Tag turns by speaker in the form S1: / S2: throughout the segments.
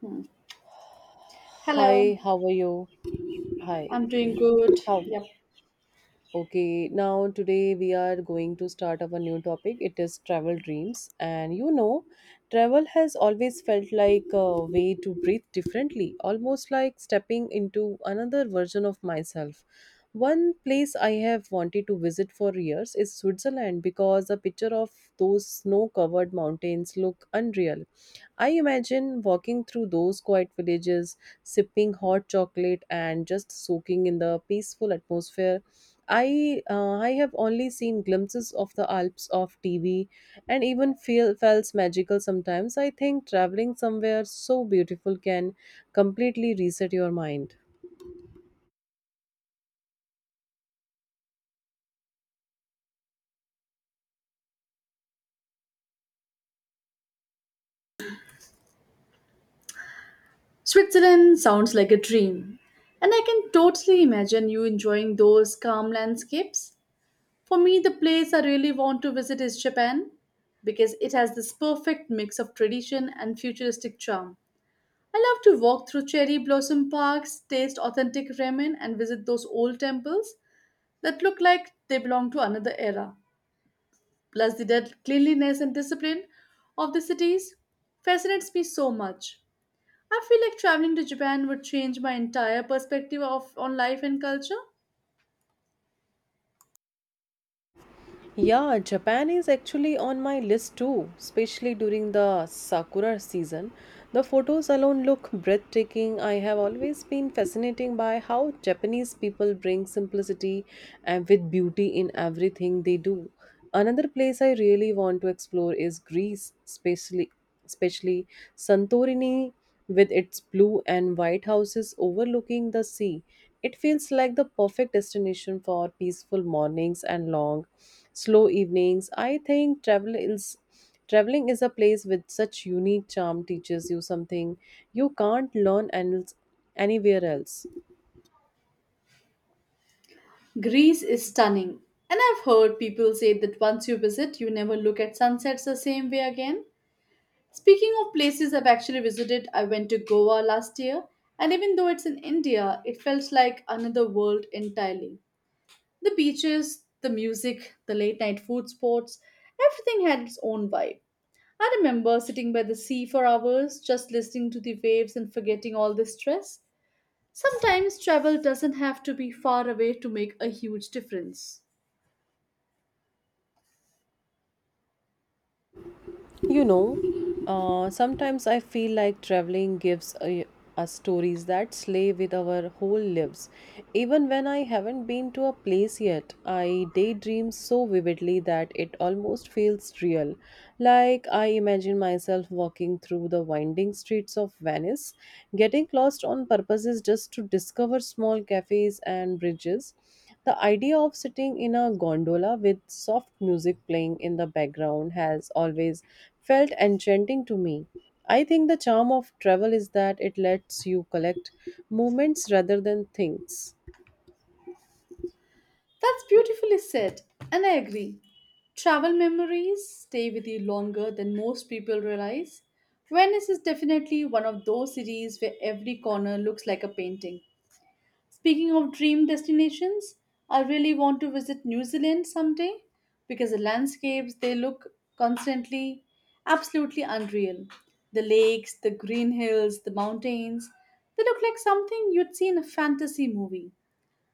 S1: Hmm. Hello,
S2: Hi, how are you? Hi,
S1: I'm doing good.
S2: how?
S1: Yep.
S2: Okay, now today we are going to start our new topic. It is travel dreams. And you know, travel has always felt like a way to breathe differently, almost like stepping into another version of myself. One place I have wanted to visit for years is Switzerland because a picture of those snow covered mountains look unreal. I imagine walking through those quiet villages, sipping hot chocolate and just soaking in the peaceful atmosphere. I have only seen glimpses of the Alps of TV and even feel felt magical sometimes. I think traveling somewhere so beautiful can completely reset your mind.
S1: Switzerland sounds like a dream, and I can totally imagine you enjoying those calm landscapes. For me, the place I really want to visit is Japan because it has this perfect mix of tradition and futuristic charm. I love to walk through cherry blossom parks, taste authentic ramen, and visit those old temples that look like they belong to another era. Plus, the dead cleanliness and discipline of the cities fascinates me so much. I feel like traveling to Japan would change my entire perspective of on life and culture.
S2: Yeah, Japan is actually on my list too, especially during the sakura season. The photos alone look breathtaking. I have always been fascinated by how Japanese people bring simplicity and with beauty in everything they do. Another place I really want to explore is Greece, especially Santorini with its blue and white houses overlooking the sea. It feels like the perfect destination for peaceful mornings and long slow evenings. I think traveling is a place with such unique charm teaches you something you can't learn and anywhere else.
S1: Greece is stunning, and I've heard people say that once you visit, you never look at sunsets the same way again. Speaking of places I've actually visited, I went to Goa last year, and even though it's in India, it felt like another world entirely. The beaches, the music, the late night food spots, everything had its own vibe. I remember sitting by the sea for hours, just listening to the waves and forgetting all the stress. Sometimes travel doesn't have to be far away to make a huge difference.
S2: You know, Sometimes I feel like traveling gives us stories that slay with our whole lives. Even when I haven't been to a place yet, I daydream so vividly that it almost feels real. Like I imagine myself walking through the winding streets of Venice, getting lost on purposes just to discover small cafes and bridges. The idea of sitting in a gondola with soft music playing in the background has always felt enchanting to me. I think the charm of travel is that it lets you collect moments rather than things.
S1: That's beautifully said, and I agree. Travel memories stay with you longer than most people realize. Venice is definitely one of those cities where every corner looks like a painting. Speaking of dream destinations, I really want to visit New Zealand someday because the landscapes they look constantly absolutely unreal. The lakes, the green hills, the mountains, they look like something you'd see in a fantasy movie.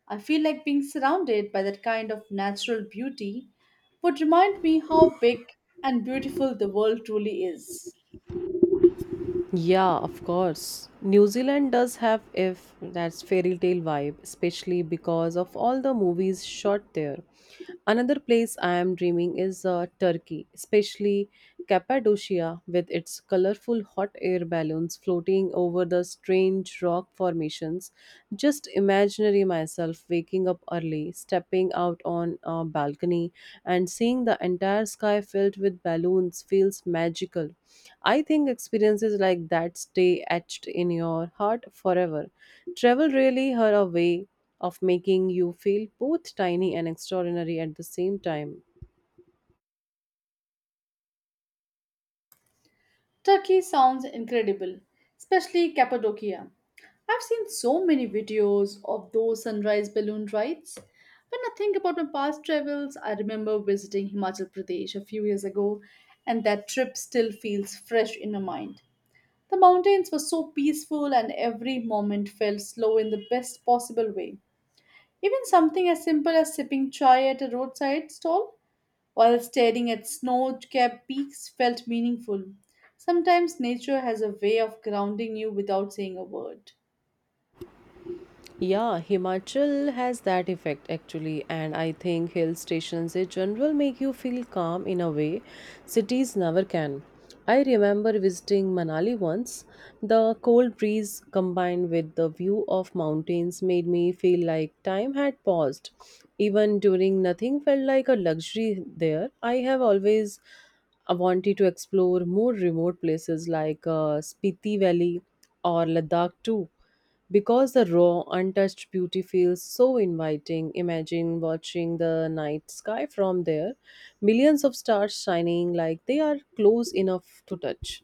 S1: I feel like being surrounded by that kind of natural beauty would remind me how big and beautiful the world truly is.
S2: Yeah, of course. New Zealand does have if that's fairy tale vibe, especially because of all the movies shot there. Another place I am dreaming is Turkey, especially Cappadocia with its colorful hot air balloons floating over the strange rock formations. Just imagine imaginary myself waking up early, stepping out on a balcony, and seeing the entire sky filled with balloons feels magical. I think experiences like that stay etched in your heart forever. Travel really had a way of making you feel both tiny and extraordinary at the same time.
S1: Turkey sounds incredible, especially Cappadocia. I've seen so many videos of those sunrise balloon rides. When I think about my past travels, I remember visiting Himachal Pradesh a few years ago, and that trip still feels fresh in my mind. The mountains were so peaceful, and every moment felt slow in the best possible way. Even something as simple as sipping chai at a roadside stall while staring at snow-capped peaks felt meaningful. Sometimes nature has a way of grounding you without saying a word.
S2: Yeah, Himachal has that effect actually, and I think hill stations in general make you feel calm in a way cities never can. I remember visiting Manali once. The cold breeze combined with the view of mountains made me feel like time had paused. Even during nothing felt like a luxury there. I have always I wanted to explore more remote places like Spiti Valley or Ladakh too. Because the raw, untouched beauty feels so inviting, imagine watching the night sky from there, millions of stars shining like they are close enough to touch.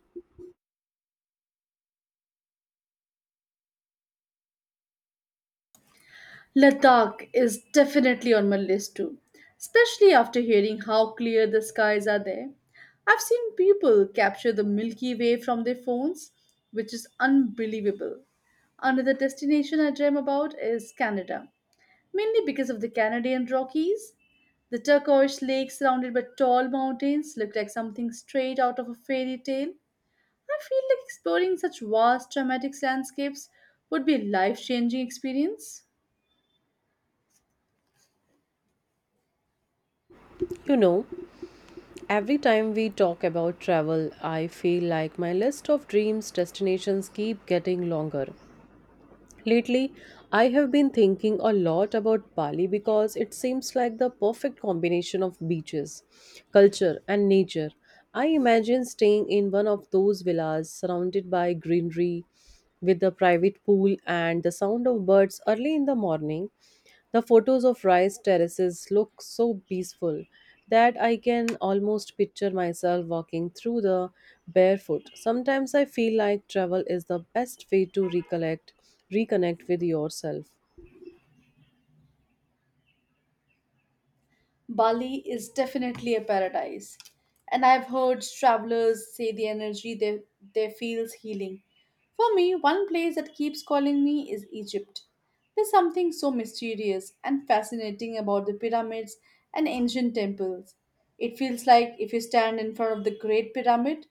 S1: Ladakh is definitely on my list too, especially after hearing how clear the skies are there. I've seen people capture the Milky Way from their phones, which is unbelievable. Another destination I dream about is Canada, mainly because of the Canadian Rockies. The turquoise lake surrounded by tall mountains looked like something straight out of a fairy tale. I feel like exploring such vast dramatic landscapes would be a life-changing experience.
S2: You know, every time we talk about travel, I feel like my list of dreams destinations keep getting longer. Lately, I have been thinking a lot about Bali because it seems like the perfect combination of beaches, culture, and nature. I imagine staying in one of those villas surrounded by greenery with a private pool and the sound of birds early in the morning. The photos of rice terraces look so peaceful that I can almost picture myself walking through the barefoot. Sometimes I feel like travel is the best way to reconnect with yourself.
S1: Bali is definitely a paradise. And I've heard travelers say the energy they feels healing. For me, one place that keeps calling me is Egypt. There's something so mysterious and fascinating about the pyramids and ancient temples. It feels like if you stand in front of the Great Pyramid,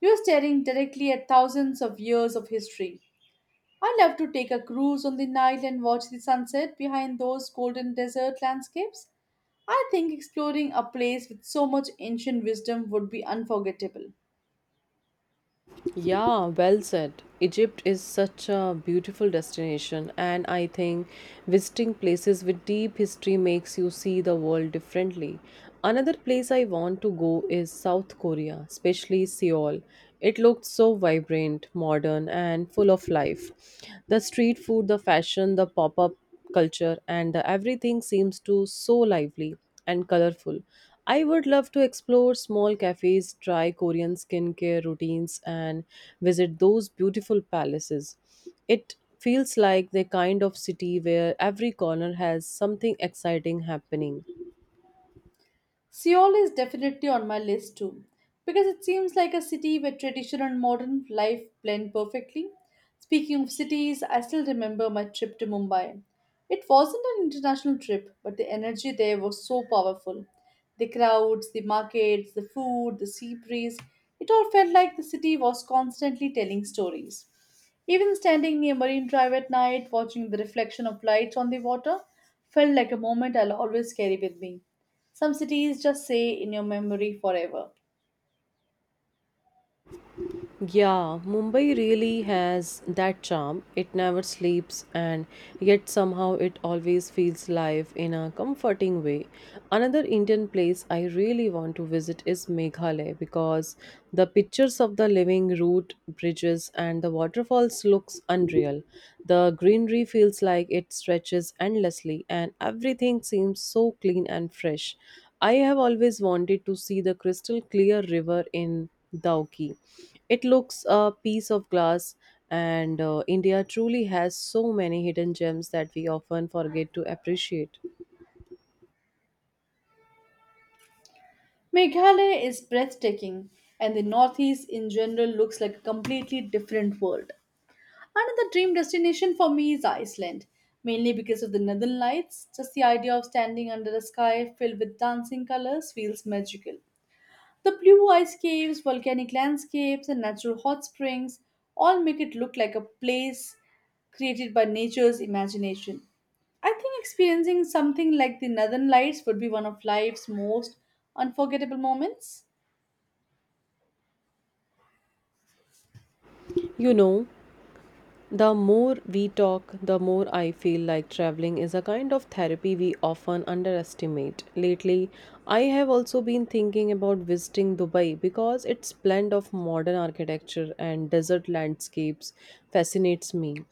S1: you're staring directly at thousands of years of history. I love to take a cruise on the Nile and watch the sunset behind those golden desert landscapes. I think exploring a place with so much ancient wisdom would be unforgettable.
S2: Yeah, well said. Egypt is such a beautiful destination, and I think visiting places with deep history makes you see the world differently. Another place I want to go is South Korea, especially Seoul. It looked so vibrant, modern, and full of life. The street food, the fashion, the pop up culture, and everything seems to so lively and colorful. I would love to explore small cafes, try Korean skincare routines, and visit those beautiful palaces. It feels like the kind of city where every corner has something exciting happening.
S1: Seoul is definitely on my list too, because it seems like a city where tradition and modern life blend perfectly. Speaking of cities, I still remember my trip to Mumbai. It wasn't an international trip, but the energy there was so powerful. The crowds, the markets, the food, the sea breeze, it all felt like the city was constantly telling stories. Even standing near Marine Drive at night, watching the reflection of lights on the water, felt like a moment I'll always carry with me. Some cities just stay in your memory forever.
S2: Yeah, Mumbai really has that charm. It never sleeps, and yet somehow it always feels live in a comforting way. Another Indian place I really want to visit is Meghalaya because the pictures of the living root bridges and the waterfalls looks unreal. The greenery feels like it stretches endlessly, and everything seems so clean and fresh. I have always wanted to see the crystal clear river in Dauki. It looks a piece of glass, and India truly has so many hidden gems that we often forget to appreciate.
S1: Meghalaya is breathtaking, and the Northeast in general looks like a completely different world. Another dream destination for me is Iceland, mainly because of the northern lights. Just the idea of standing under a sky filled with dancing colors feels magical. The blue ice caves, volcanic landscapes, and natural hot springs all make it look like a place created by nature's imagination. I think experiencing something like the Northern Lights would be one of life's most unforgettable moments.
S2: You know, The more we talk, the more I feel like traveling is a kind of therapy we often underestimate. Lately, I have also been thinking about visiting Dubai because its blend of modern architecture and desert landscapes fascinates me.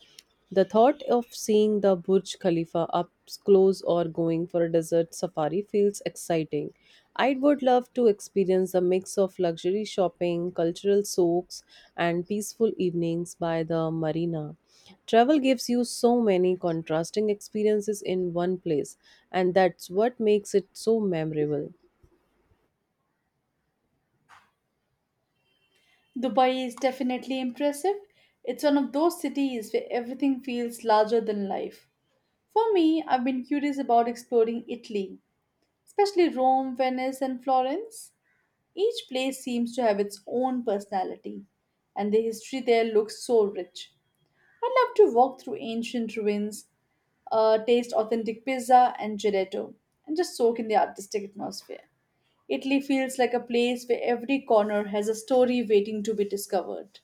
S2: The thought of seeing the Burj Khalifa up close or going for a desert safari feels exciting. I would love to experience the mix of luxury shopping, cultural soaks, and peaceful evenings by the marina. Travel gives you so many contrasting experiences in one place, and that's what makes it so memorable.
S1: Dubai is definitely impressive. It's one of those cities where everything feels larger than life. For me, I've been curious about exploring Italy, especially Rome, Venice, and Florence. Each place seems to have its own personality, and the history there looks so rich. I'd love to walk through ancient ruins, taste authentic pizza and gelato, and just soak in the artistic atmosphere. Italy feels like a place where every corner has a story waiting to be discovered.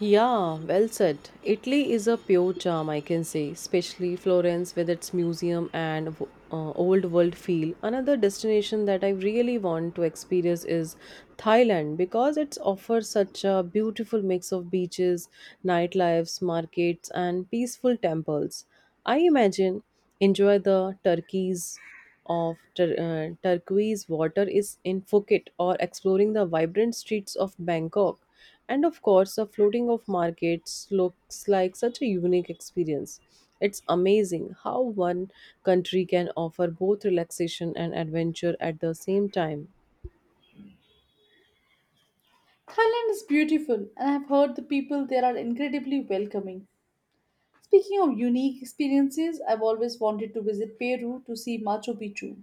S2: Yeah, well said. Italy is a pure charm, I can say, especially Florence with its museum and old world feel. Another destination that I really want to experience is Thailand because it offers such a beautiful mix of beaches, nightlifes, markets, and peaceful temples. I imagine enjoy the turquoise water is in Phuket or exploring the vibrant streets of Bangkok. And of course, the floating of markets looks like such a unique experience. It's amazing how one country can offer both relaxation and adventure at the same time.
S1: Thailand is beautiful, and I've heard the people there are incredibly welcoming. Speaking of unique experiences, I've always wanted to visit Peru to see Machu Picchu.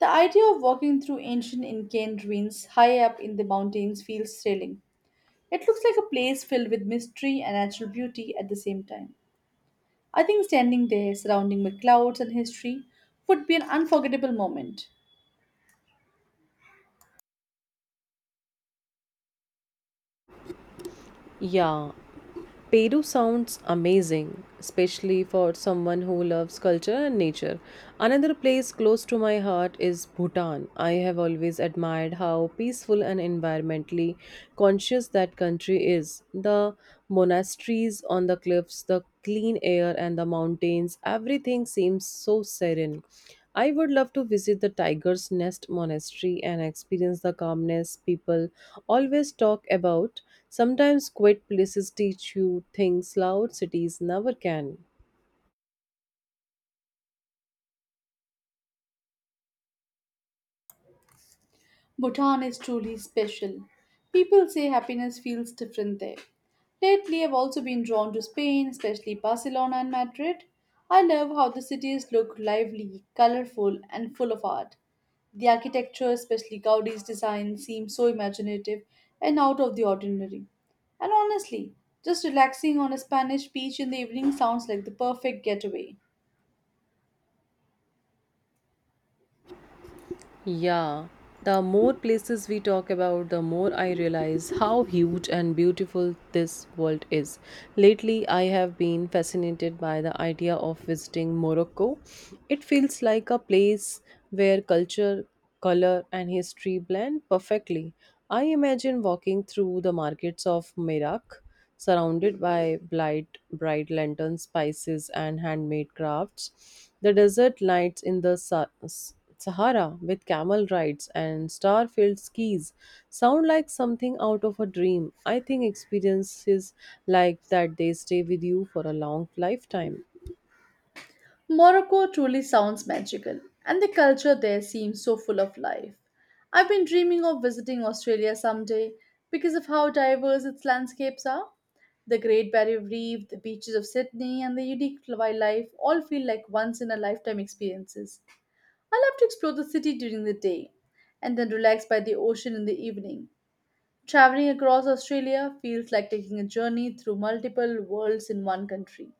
S1: The idea of walking through ancient Incan ruins high up in the mountains feels thrilling. It looks like a place filled with mystery and natural beauty at the same time. I think standing there, surrounding by clouds and history, would be an unforgettable moment.
S2: Yeah, Peru sounds amazing, especially for someone who loves culture and nature. Another place close to my heart is Bhutan. I have always admired how peaceful and environmentally conscious that country is. The monasteries on the cliffs, the clean air, and the mountains everything seems so serene. I would love to visit the Tiger's Nest Monastery and experience the calmness people always talk about. Sometimes quiet places teach you things loud cities never can.
S1: Bhutan is truly special. People say happiness feels different there. Lately, I've also been drawn to Spain, especially Barcelona and Madrid. I love how the cities look lively, colorful, and full of art. The architecture, especially Gaudi's design, seems so imaginative and out of the ordinary. And honestly, just relaxing on a Spanish beach in the evening sounds like the perfect getaway.
S2: Yeah, the more places we talk about, the more I realize how huge and beautiful this world is. Lately, I have been fascinated by the idea of visiting Morocco. It feels like a place where culture, color, and history blend perfectly. I imagine walking through the markets of Merak, surrounded by bright lanterns, spices, and handmade crafts. The desert lights in the Sahara with camel rides and star-filled skis sound like something out of a dream. I think experiences like that they stay with you for a long lifetime.
S1: Morocco truly sounds magical, and the culture there seems so full of life. I've been dreaming of visiting Australia someday because of how diverse its landscapes are. The Great Barrier Reef, the beaches of Sydney, and the unique wildlife all feel like once in a lifetime experiences. I love to explore the city during the day and then relax by the ocean in the evening. Traveling across Australia feels like taking a journey through multiple worlds in one country.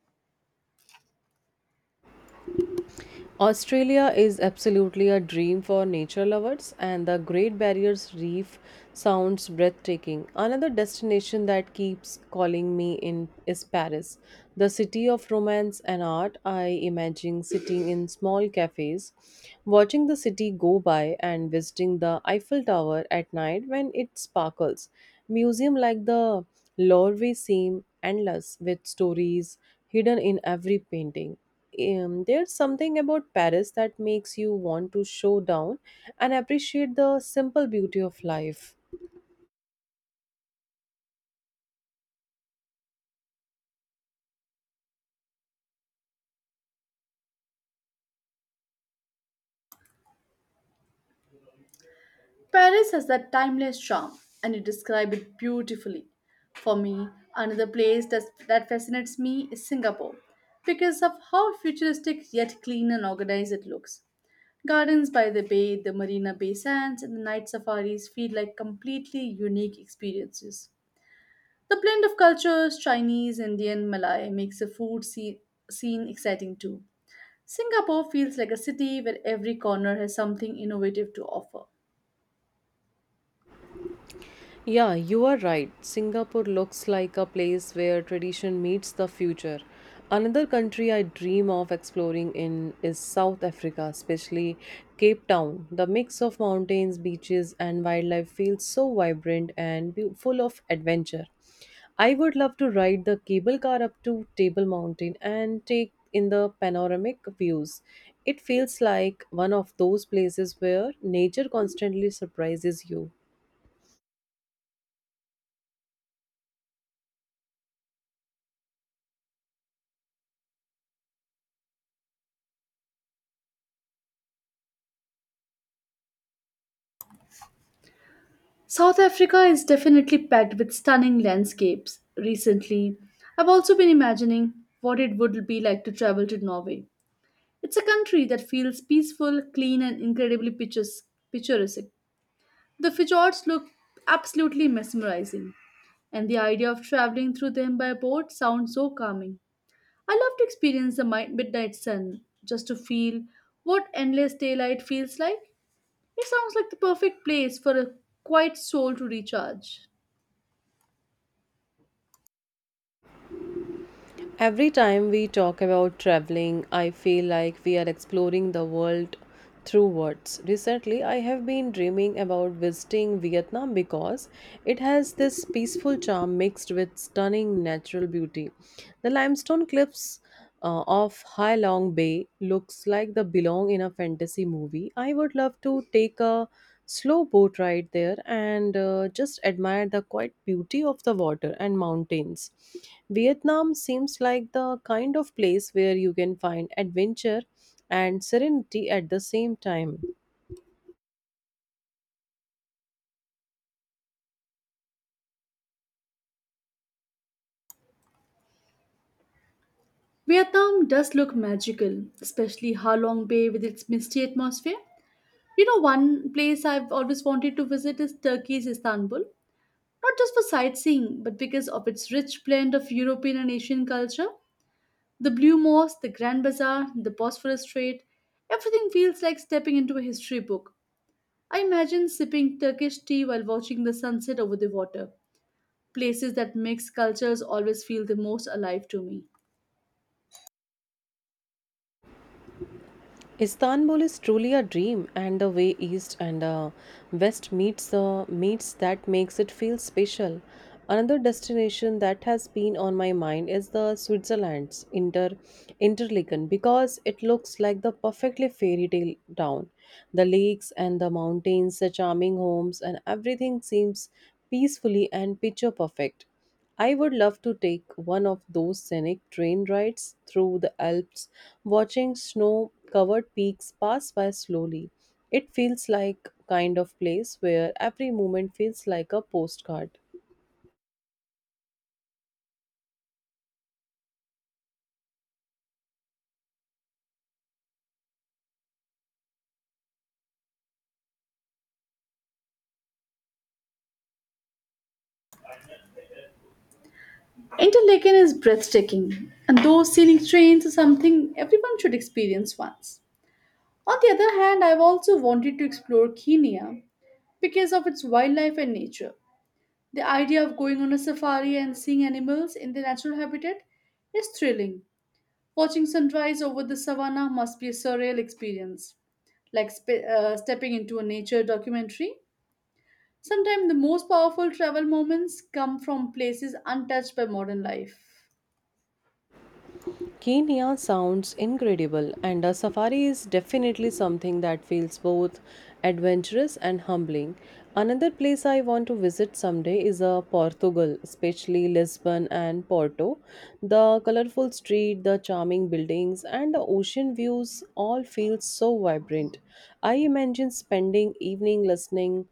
S2: Australia is absolutely a dream for nature lovers, and the Great Barrier Reef sounds breathtaking. Another destination that keeps calling me in is Paris, the city of romance and art. I imagine sitting in small cafes, watching the city go by, and visiting the Eiffel Tower at night when it sparkles. Museum like the Louvre seem endless with stories hidden in every painting there's something about Paris that makes you want to show down and appreciate the simple beauty of life.
S1: Paris has that timeless charm, and you describe it beautifully. For me, another place that fascinates me is Singapore because of how futuristic yet clean and organized it looks. Gardens by the bay, the Marina Bay Sands, and the night safaris feel like completely unique experiences. The blend of cultures, Chinese, Indian, Malay, makes the food scene exciting too. Singapore feels like a city where every corner has something innovative to offer.
S2: Yeah, you are right. Singapore looks like a place where tradition meets the future. Another country I dream of exploring in is South Africa, especially Cape Town. The mix of mountains, beaches, and wildlife feels so vibrant and full of adventure. I would love to ride the cable car up to Table Mountain and take in the panoramic views. It feels like one of those places where nature constantly surprises you.
S1: South Africa is definitely packed with stunning landscapes. Recently, I've also been imagining what it would be like to travel to Norway. It's a country that feels peaceful, clean, and incredibly picturesque. The fjords look absolutely mesmerizing, and the idea of traveling through them by boat sounds so calming. I love to experience the midnight sun just to feel what endless daylight feels like. It sounds like the perfect place for a quiet soul to recharge.
S2: Every time we talk about traveling, I feel like we are exploring the world through words. Recently, I have been dreaming about visiting Vietnam because it has this peaceful charm mixed with stunning natural beauty. The limestone cliffs of Hai Long Bay looks like they belong in a fantasy movie. I would love to take a slow boat ride there and just admire the quiet beauty of the water and mountains. Vietnam seems like the kind of place where you can find adventure and serenity at the same time.
S1: Vietnam does look magical, especially Ha Long Bay with its misty atmosphere. You know, one place I've always wanted to visit is Turkey's Istanbul, not just for sightseeing, but because of its rich blend of European and Asian culture. The Blue Mosque, the Grand Bazaar, the Bosphorus Strait, everything feels like stepping into a history book. I imagine sipping Turkish tea while watching the sunset over the water. Places that mix cultures always feel the most alive to me.
S2: Istanbul is truly a dream, and the way East and West meets that makes it feel special. Another destination that has been on my mind is the Switzerland's Interlaken because it looks like the perfectly fairy tale town. The lakes and the mountains, the charming homes, and everything seems peacefully and picture perfect. I would love to take one of those scenic train rides through the Alps, watching snow covered peaks pass by slowly. It feels like kind of place where every moment feels like a postcard.
S1: Interlaken is breathtaking, and those scenic trains are something everyone should experience once. On the other hand, I've also wanted to explore Kenya because of its wildlife and nature. The idea of going on a safari and seeing animals in their natural habitat is thrilling. Watching sunrise over the savannah must be a surreal experience, like stepping into a nature documentary. Sometimes the most powerful travel moments come from places untouched by modern life.
S2: Kenya sounds incredible, and a safari is definitely something that feels both adventurous and humbling. Another place I want to visit someday is Portugal, especially Lisbon and Porto. The colorful street, the charming buildings, and the ocean views all feel so vibrant. I imagine spending evening listening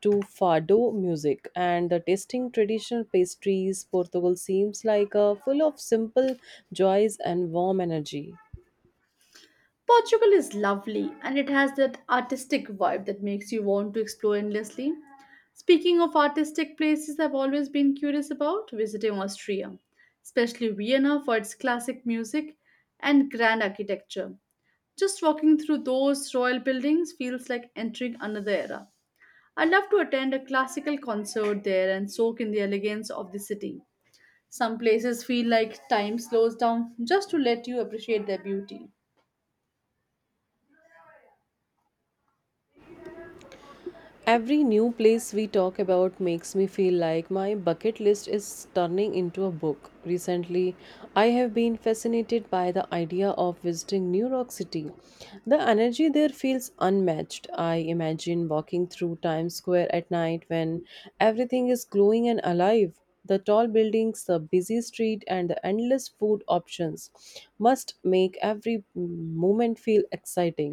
S2: to fado music and the tasting traditional pastries portugal seems like a full of simple joys and warm energy
S1: Portugal is lovely and it has that artistic vibe that makes you want to explore endlessly. Speaking of artistic places, I've always been curious about visiting Austria, especially Vienna for its classic music and grand architecture. Just walking through those royal buildings feels like entering another era. I'd love to attend a classical concert there and soak in the elegance of the city. Some places feel like time slows down just to let you appreciate their beauty.
S2: every new place we talk about makes me feel like my bucket list is turning into a book recently I have been fascinated by the idea of visiting new york city the energy there feels unmatched I imagine walking through times square at night when everything is glowing and alive. The tall buildings, the busy street, and the endless food options must make every moment feel exciting.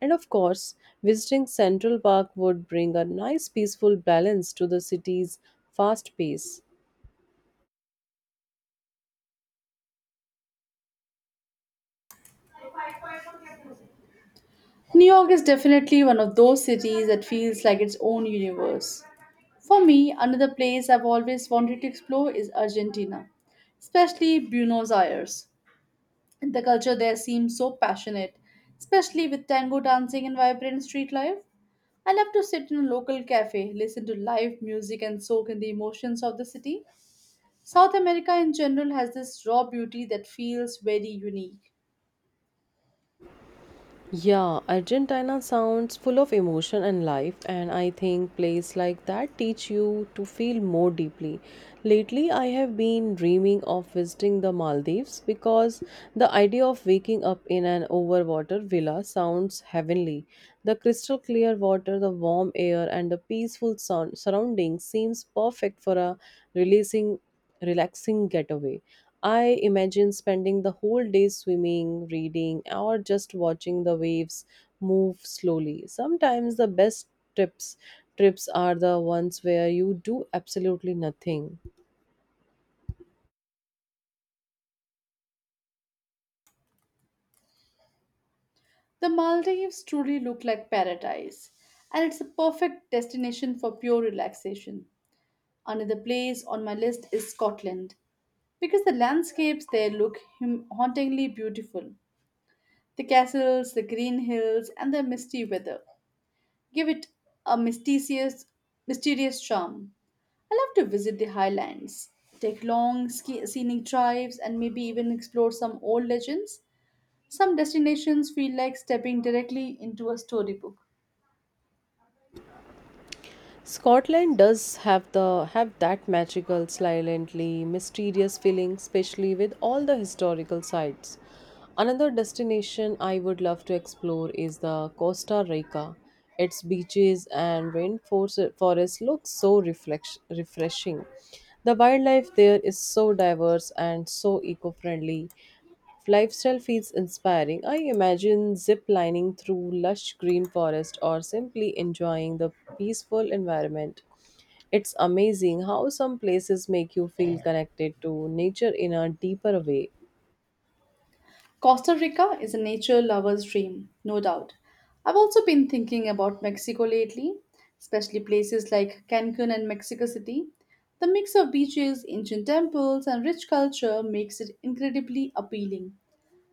S2: And of course, visiting Central Park would bring a nice peaceful balance to the city's fast pace.
S1: New York is definitely one of those cities that feels like its own universe. For me, another place I've always wanted to explore is Argentina, especially Buenos Aires. The culture there seems so passionate, especially with tango dancing and vibrant street life. I love to sit in a local cafe, listen to live music, and soak in the emotions of the city. South America in general has this raw beauty that feels very unique.
S2: Yeah, Argentina sounds full of emotion and life, and I think plays like that teach you to feel more deeply. Lately, I have been dreaming of visiting the Maldives because the idea of waking up in an overwater villa sounds heavenly. The crystal clear water, the warm air, and the peaceful surroundings seems perfect for a releasing relaxing getaway. I imagine spending the whole day swimming, reading, or just watching the waves move slowly. Sometimes the best trips trips are the ones where you do absolutely nothing.
S1: The Maldives truly look like paradise, and it's a perfect destination for pure relaxation. Another place on my list is Scotland, because the landscapes there look hauntingly beautiful. The castles, the green hills, and the misty weather give it a mysterious charm. I love to visit the highlands, take long scenic drives, and maybe even explore some old legends. Some destinations feel like stepping directly into a storybook.
S2: Scotland does have that magical, silently mysterious feeling, especially with all the historical sites. Another destination I would love to explore is the Costa Rica. Its beaches and rainforest forest look so refreshing. The wildlife there is so diverse and so eco-friendly. Lifestyle feels inspiring. I imagine zip lining through lush green forest or simply enjoying the peaceful environment. It's amazing how some places make you feel connected to nature in a deeper way.
S1: Costa Rica is a nature lover's dream, no doubt. I've also been thinking about Mexico lately, especially places like Cancun and Mexico City. The mix of beaches, ancient temples, and rich culture makes it incredibly appealing.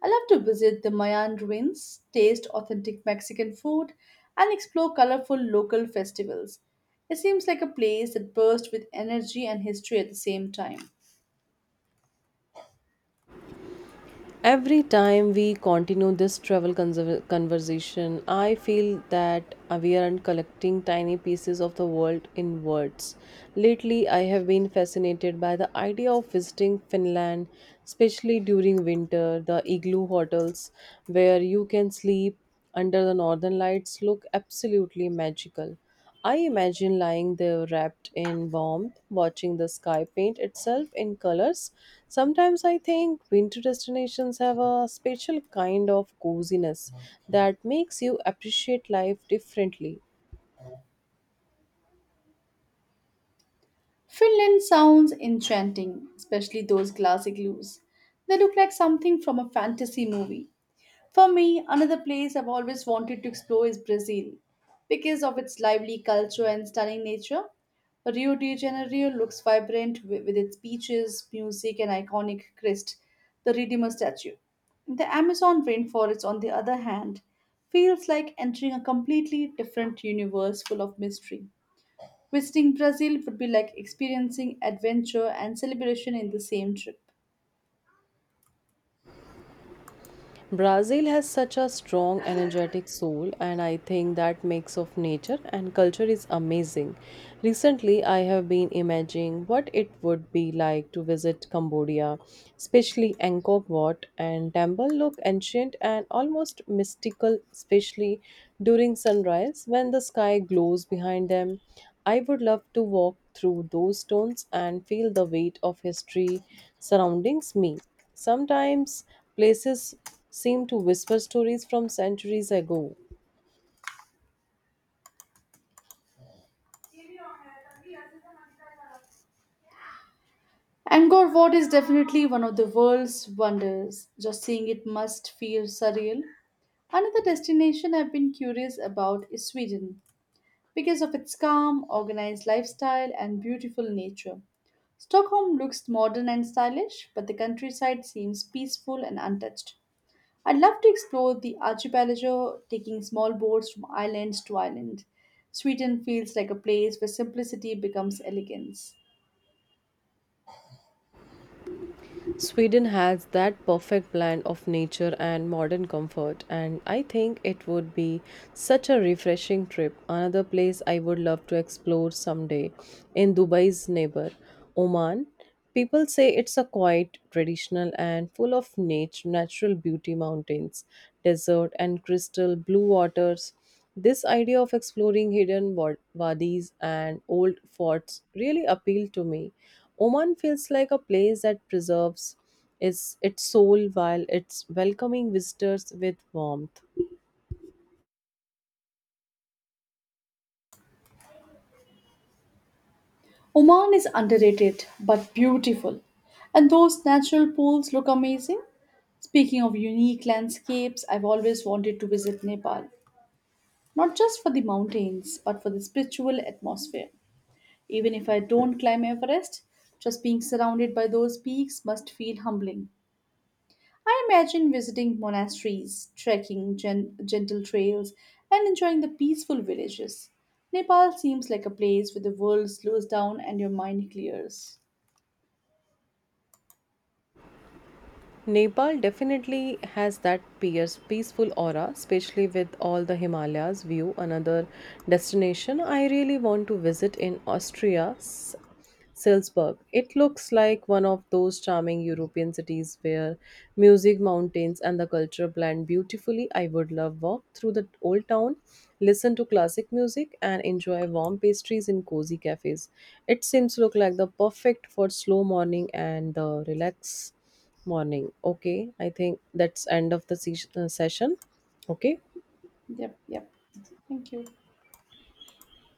S1: I love to visit the Mayan ruins, taste authentic Mexican food, and explore colorful local festivals. It seems like a place that bursts with energy and history at the same time.
S2: Every time we continue this travel conversation, I feel that we are collecting tiny pieces of the world in words. Lately, I have been fascinated by the idea of visiting Finland, especially during winter, the igloo hotels where you can sleep under the northern lights look absolutely magical. I imagine lying there wrapped in warmth, watching the sky paint itself in colors. Sometimes I think winter destinations have a special kind of coziness that makes you appreciate life differently.
S1: Finland sounds enchanting, especially those glass igloos. They look like something from a fantasy movie. For me, another place I've always wanted to explore is Brazil. Because of its lively culture and stunning nature, Rio de Janeiro looks vibrant with its beaches, music, and iconic crest, the Redeemer statue. The Amazon rainforest, on the other hand, feels like entering a completely different universe full of mystery. Visiting Brazil would be like experiencing adventure and celebration in the same trip.
S2: Brazil has such a strong, energetic soul, and I think that mix of nature and culture is amazing. Recently, I have been imagining what it would be like to visit Cambodia, especially Angkor Wat and temple look ancient and almost mystical, especially during sunrise when the sky glows behind them. I would love to walk through those stones and feel the weight of history surrounding me. Sometimes places seem to whisper stories from centuries ago.
S1: Angkor Wat is definitely one of the world's wonders. Just seeing it must feel surreal. Another destination I've been curious about is Sweden because of its calm, organized lifestyle, and beautiful nature. Stockholm looks modern and stylish, but the countryside seems peaceful and untouched. I'd love to explore the archipelago, taking small boats from island to island. Sweden feels like a place where simplicity becomes elegance.
S2: Sweden has that perfect blend of nature and modern comfort, and I think it would be such a refreshing trip. Another place I would love to explore someday in Dubai's neighbor, Oman. People say it's a quiet, traditional, and full of natural beauty mountains, desert, and crystal blue waters. This idea of exploring hidden wadis and old forts really appealed to me. Oman feels like a place that preserves its soul while it's welcoming visitors with warmth.
S1: Oman is underrated but beautiful, and those natural pools look amazing. Speaking of unique landscapes, I've always wanted to visit Nepal, not just for the mountains, but for the spiritual atmosphere. Even if I don't climb Everest, just being surrounded by those peaks must feel humbling. I imagine visiting monasteries, trekking gentle trails, and enjoying the peaceful villages. Nepal seems like a place where the world slows down and your mind clears.
S2: Nepal definitely has that peaceful aura, especially with all the Himalayas view. Another destination I really want to visit in Austria, Salzburg. It looks like one of those charming European cities where music, mountains, and the culture blend beautifully. I would love walk through the old town, listen to classic music, and enjoy warm pastries in cozy cafes. It seems look like the perfect for slow morning and the relax morning okay I think that's end of the session okay
S1: Yep, yep. Thank you.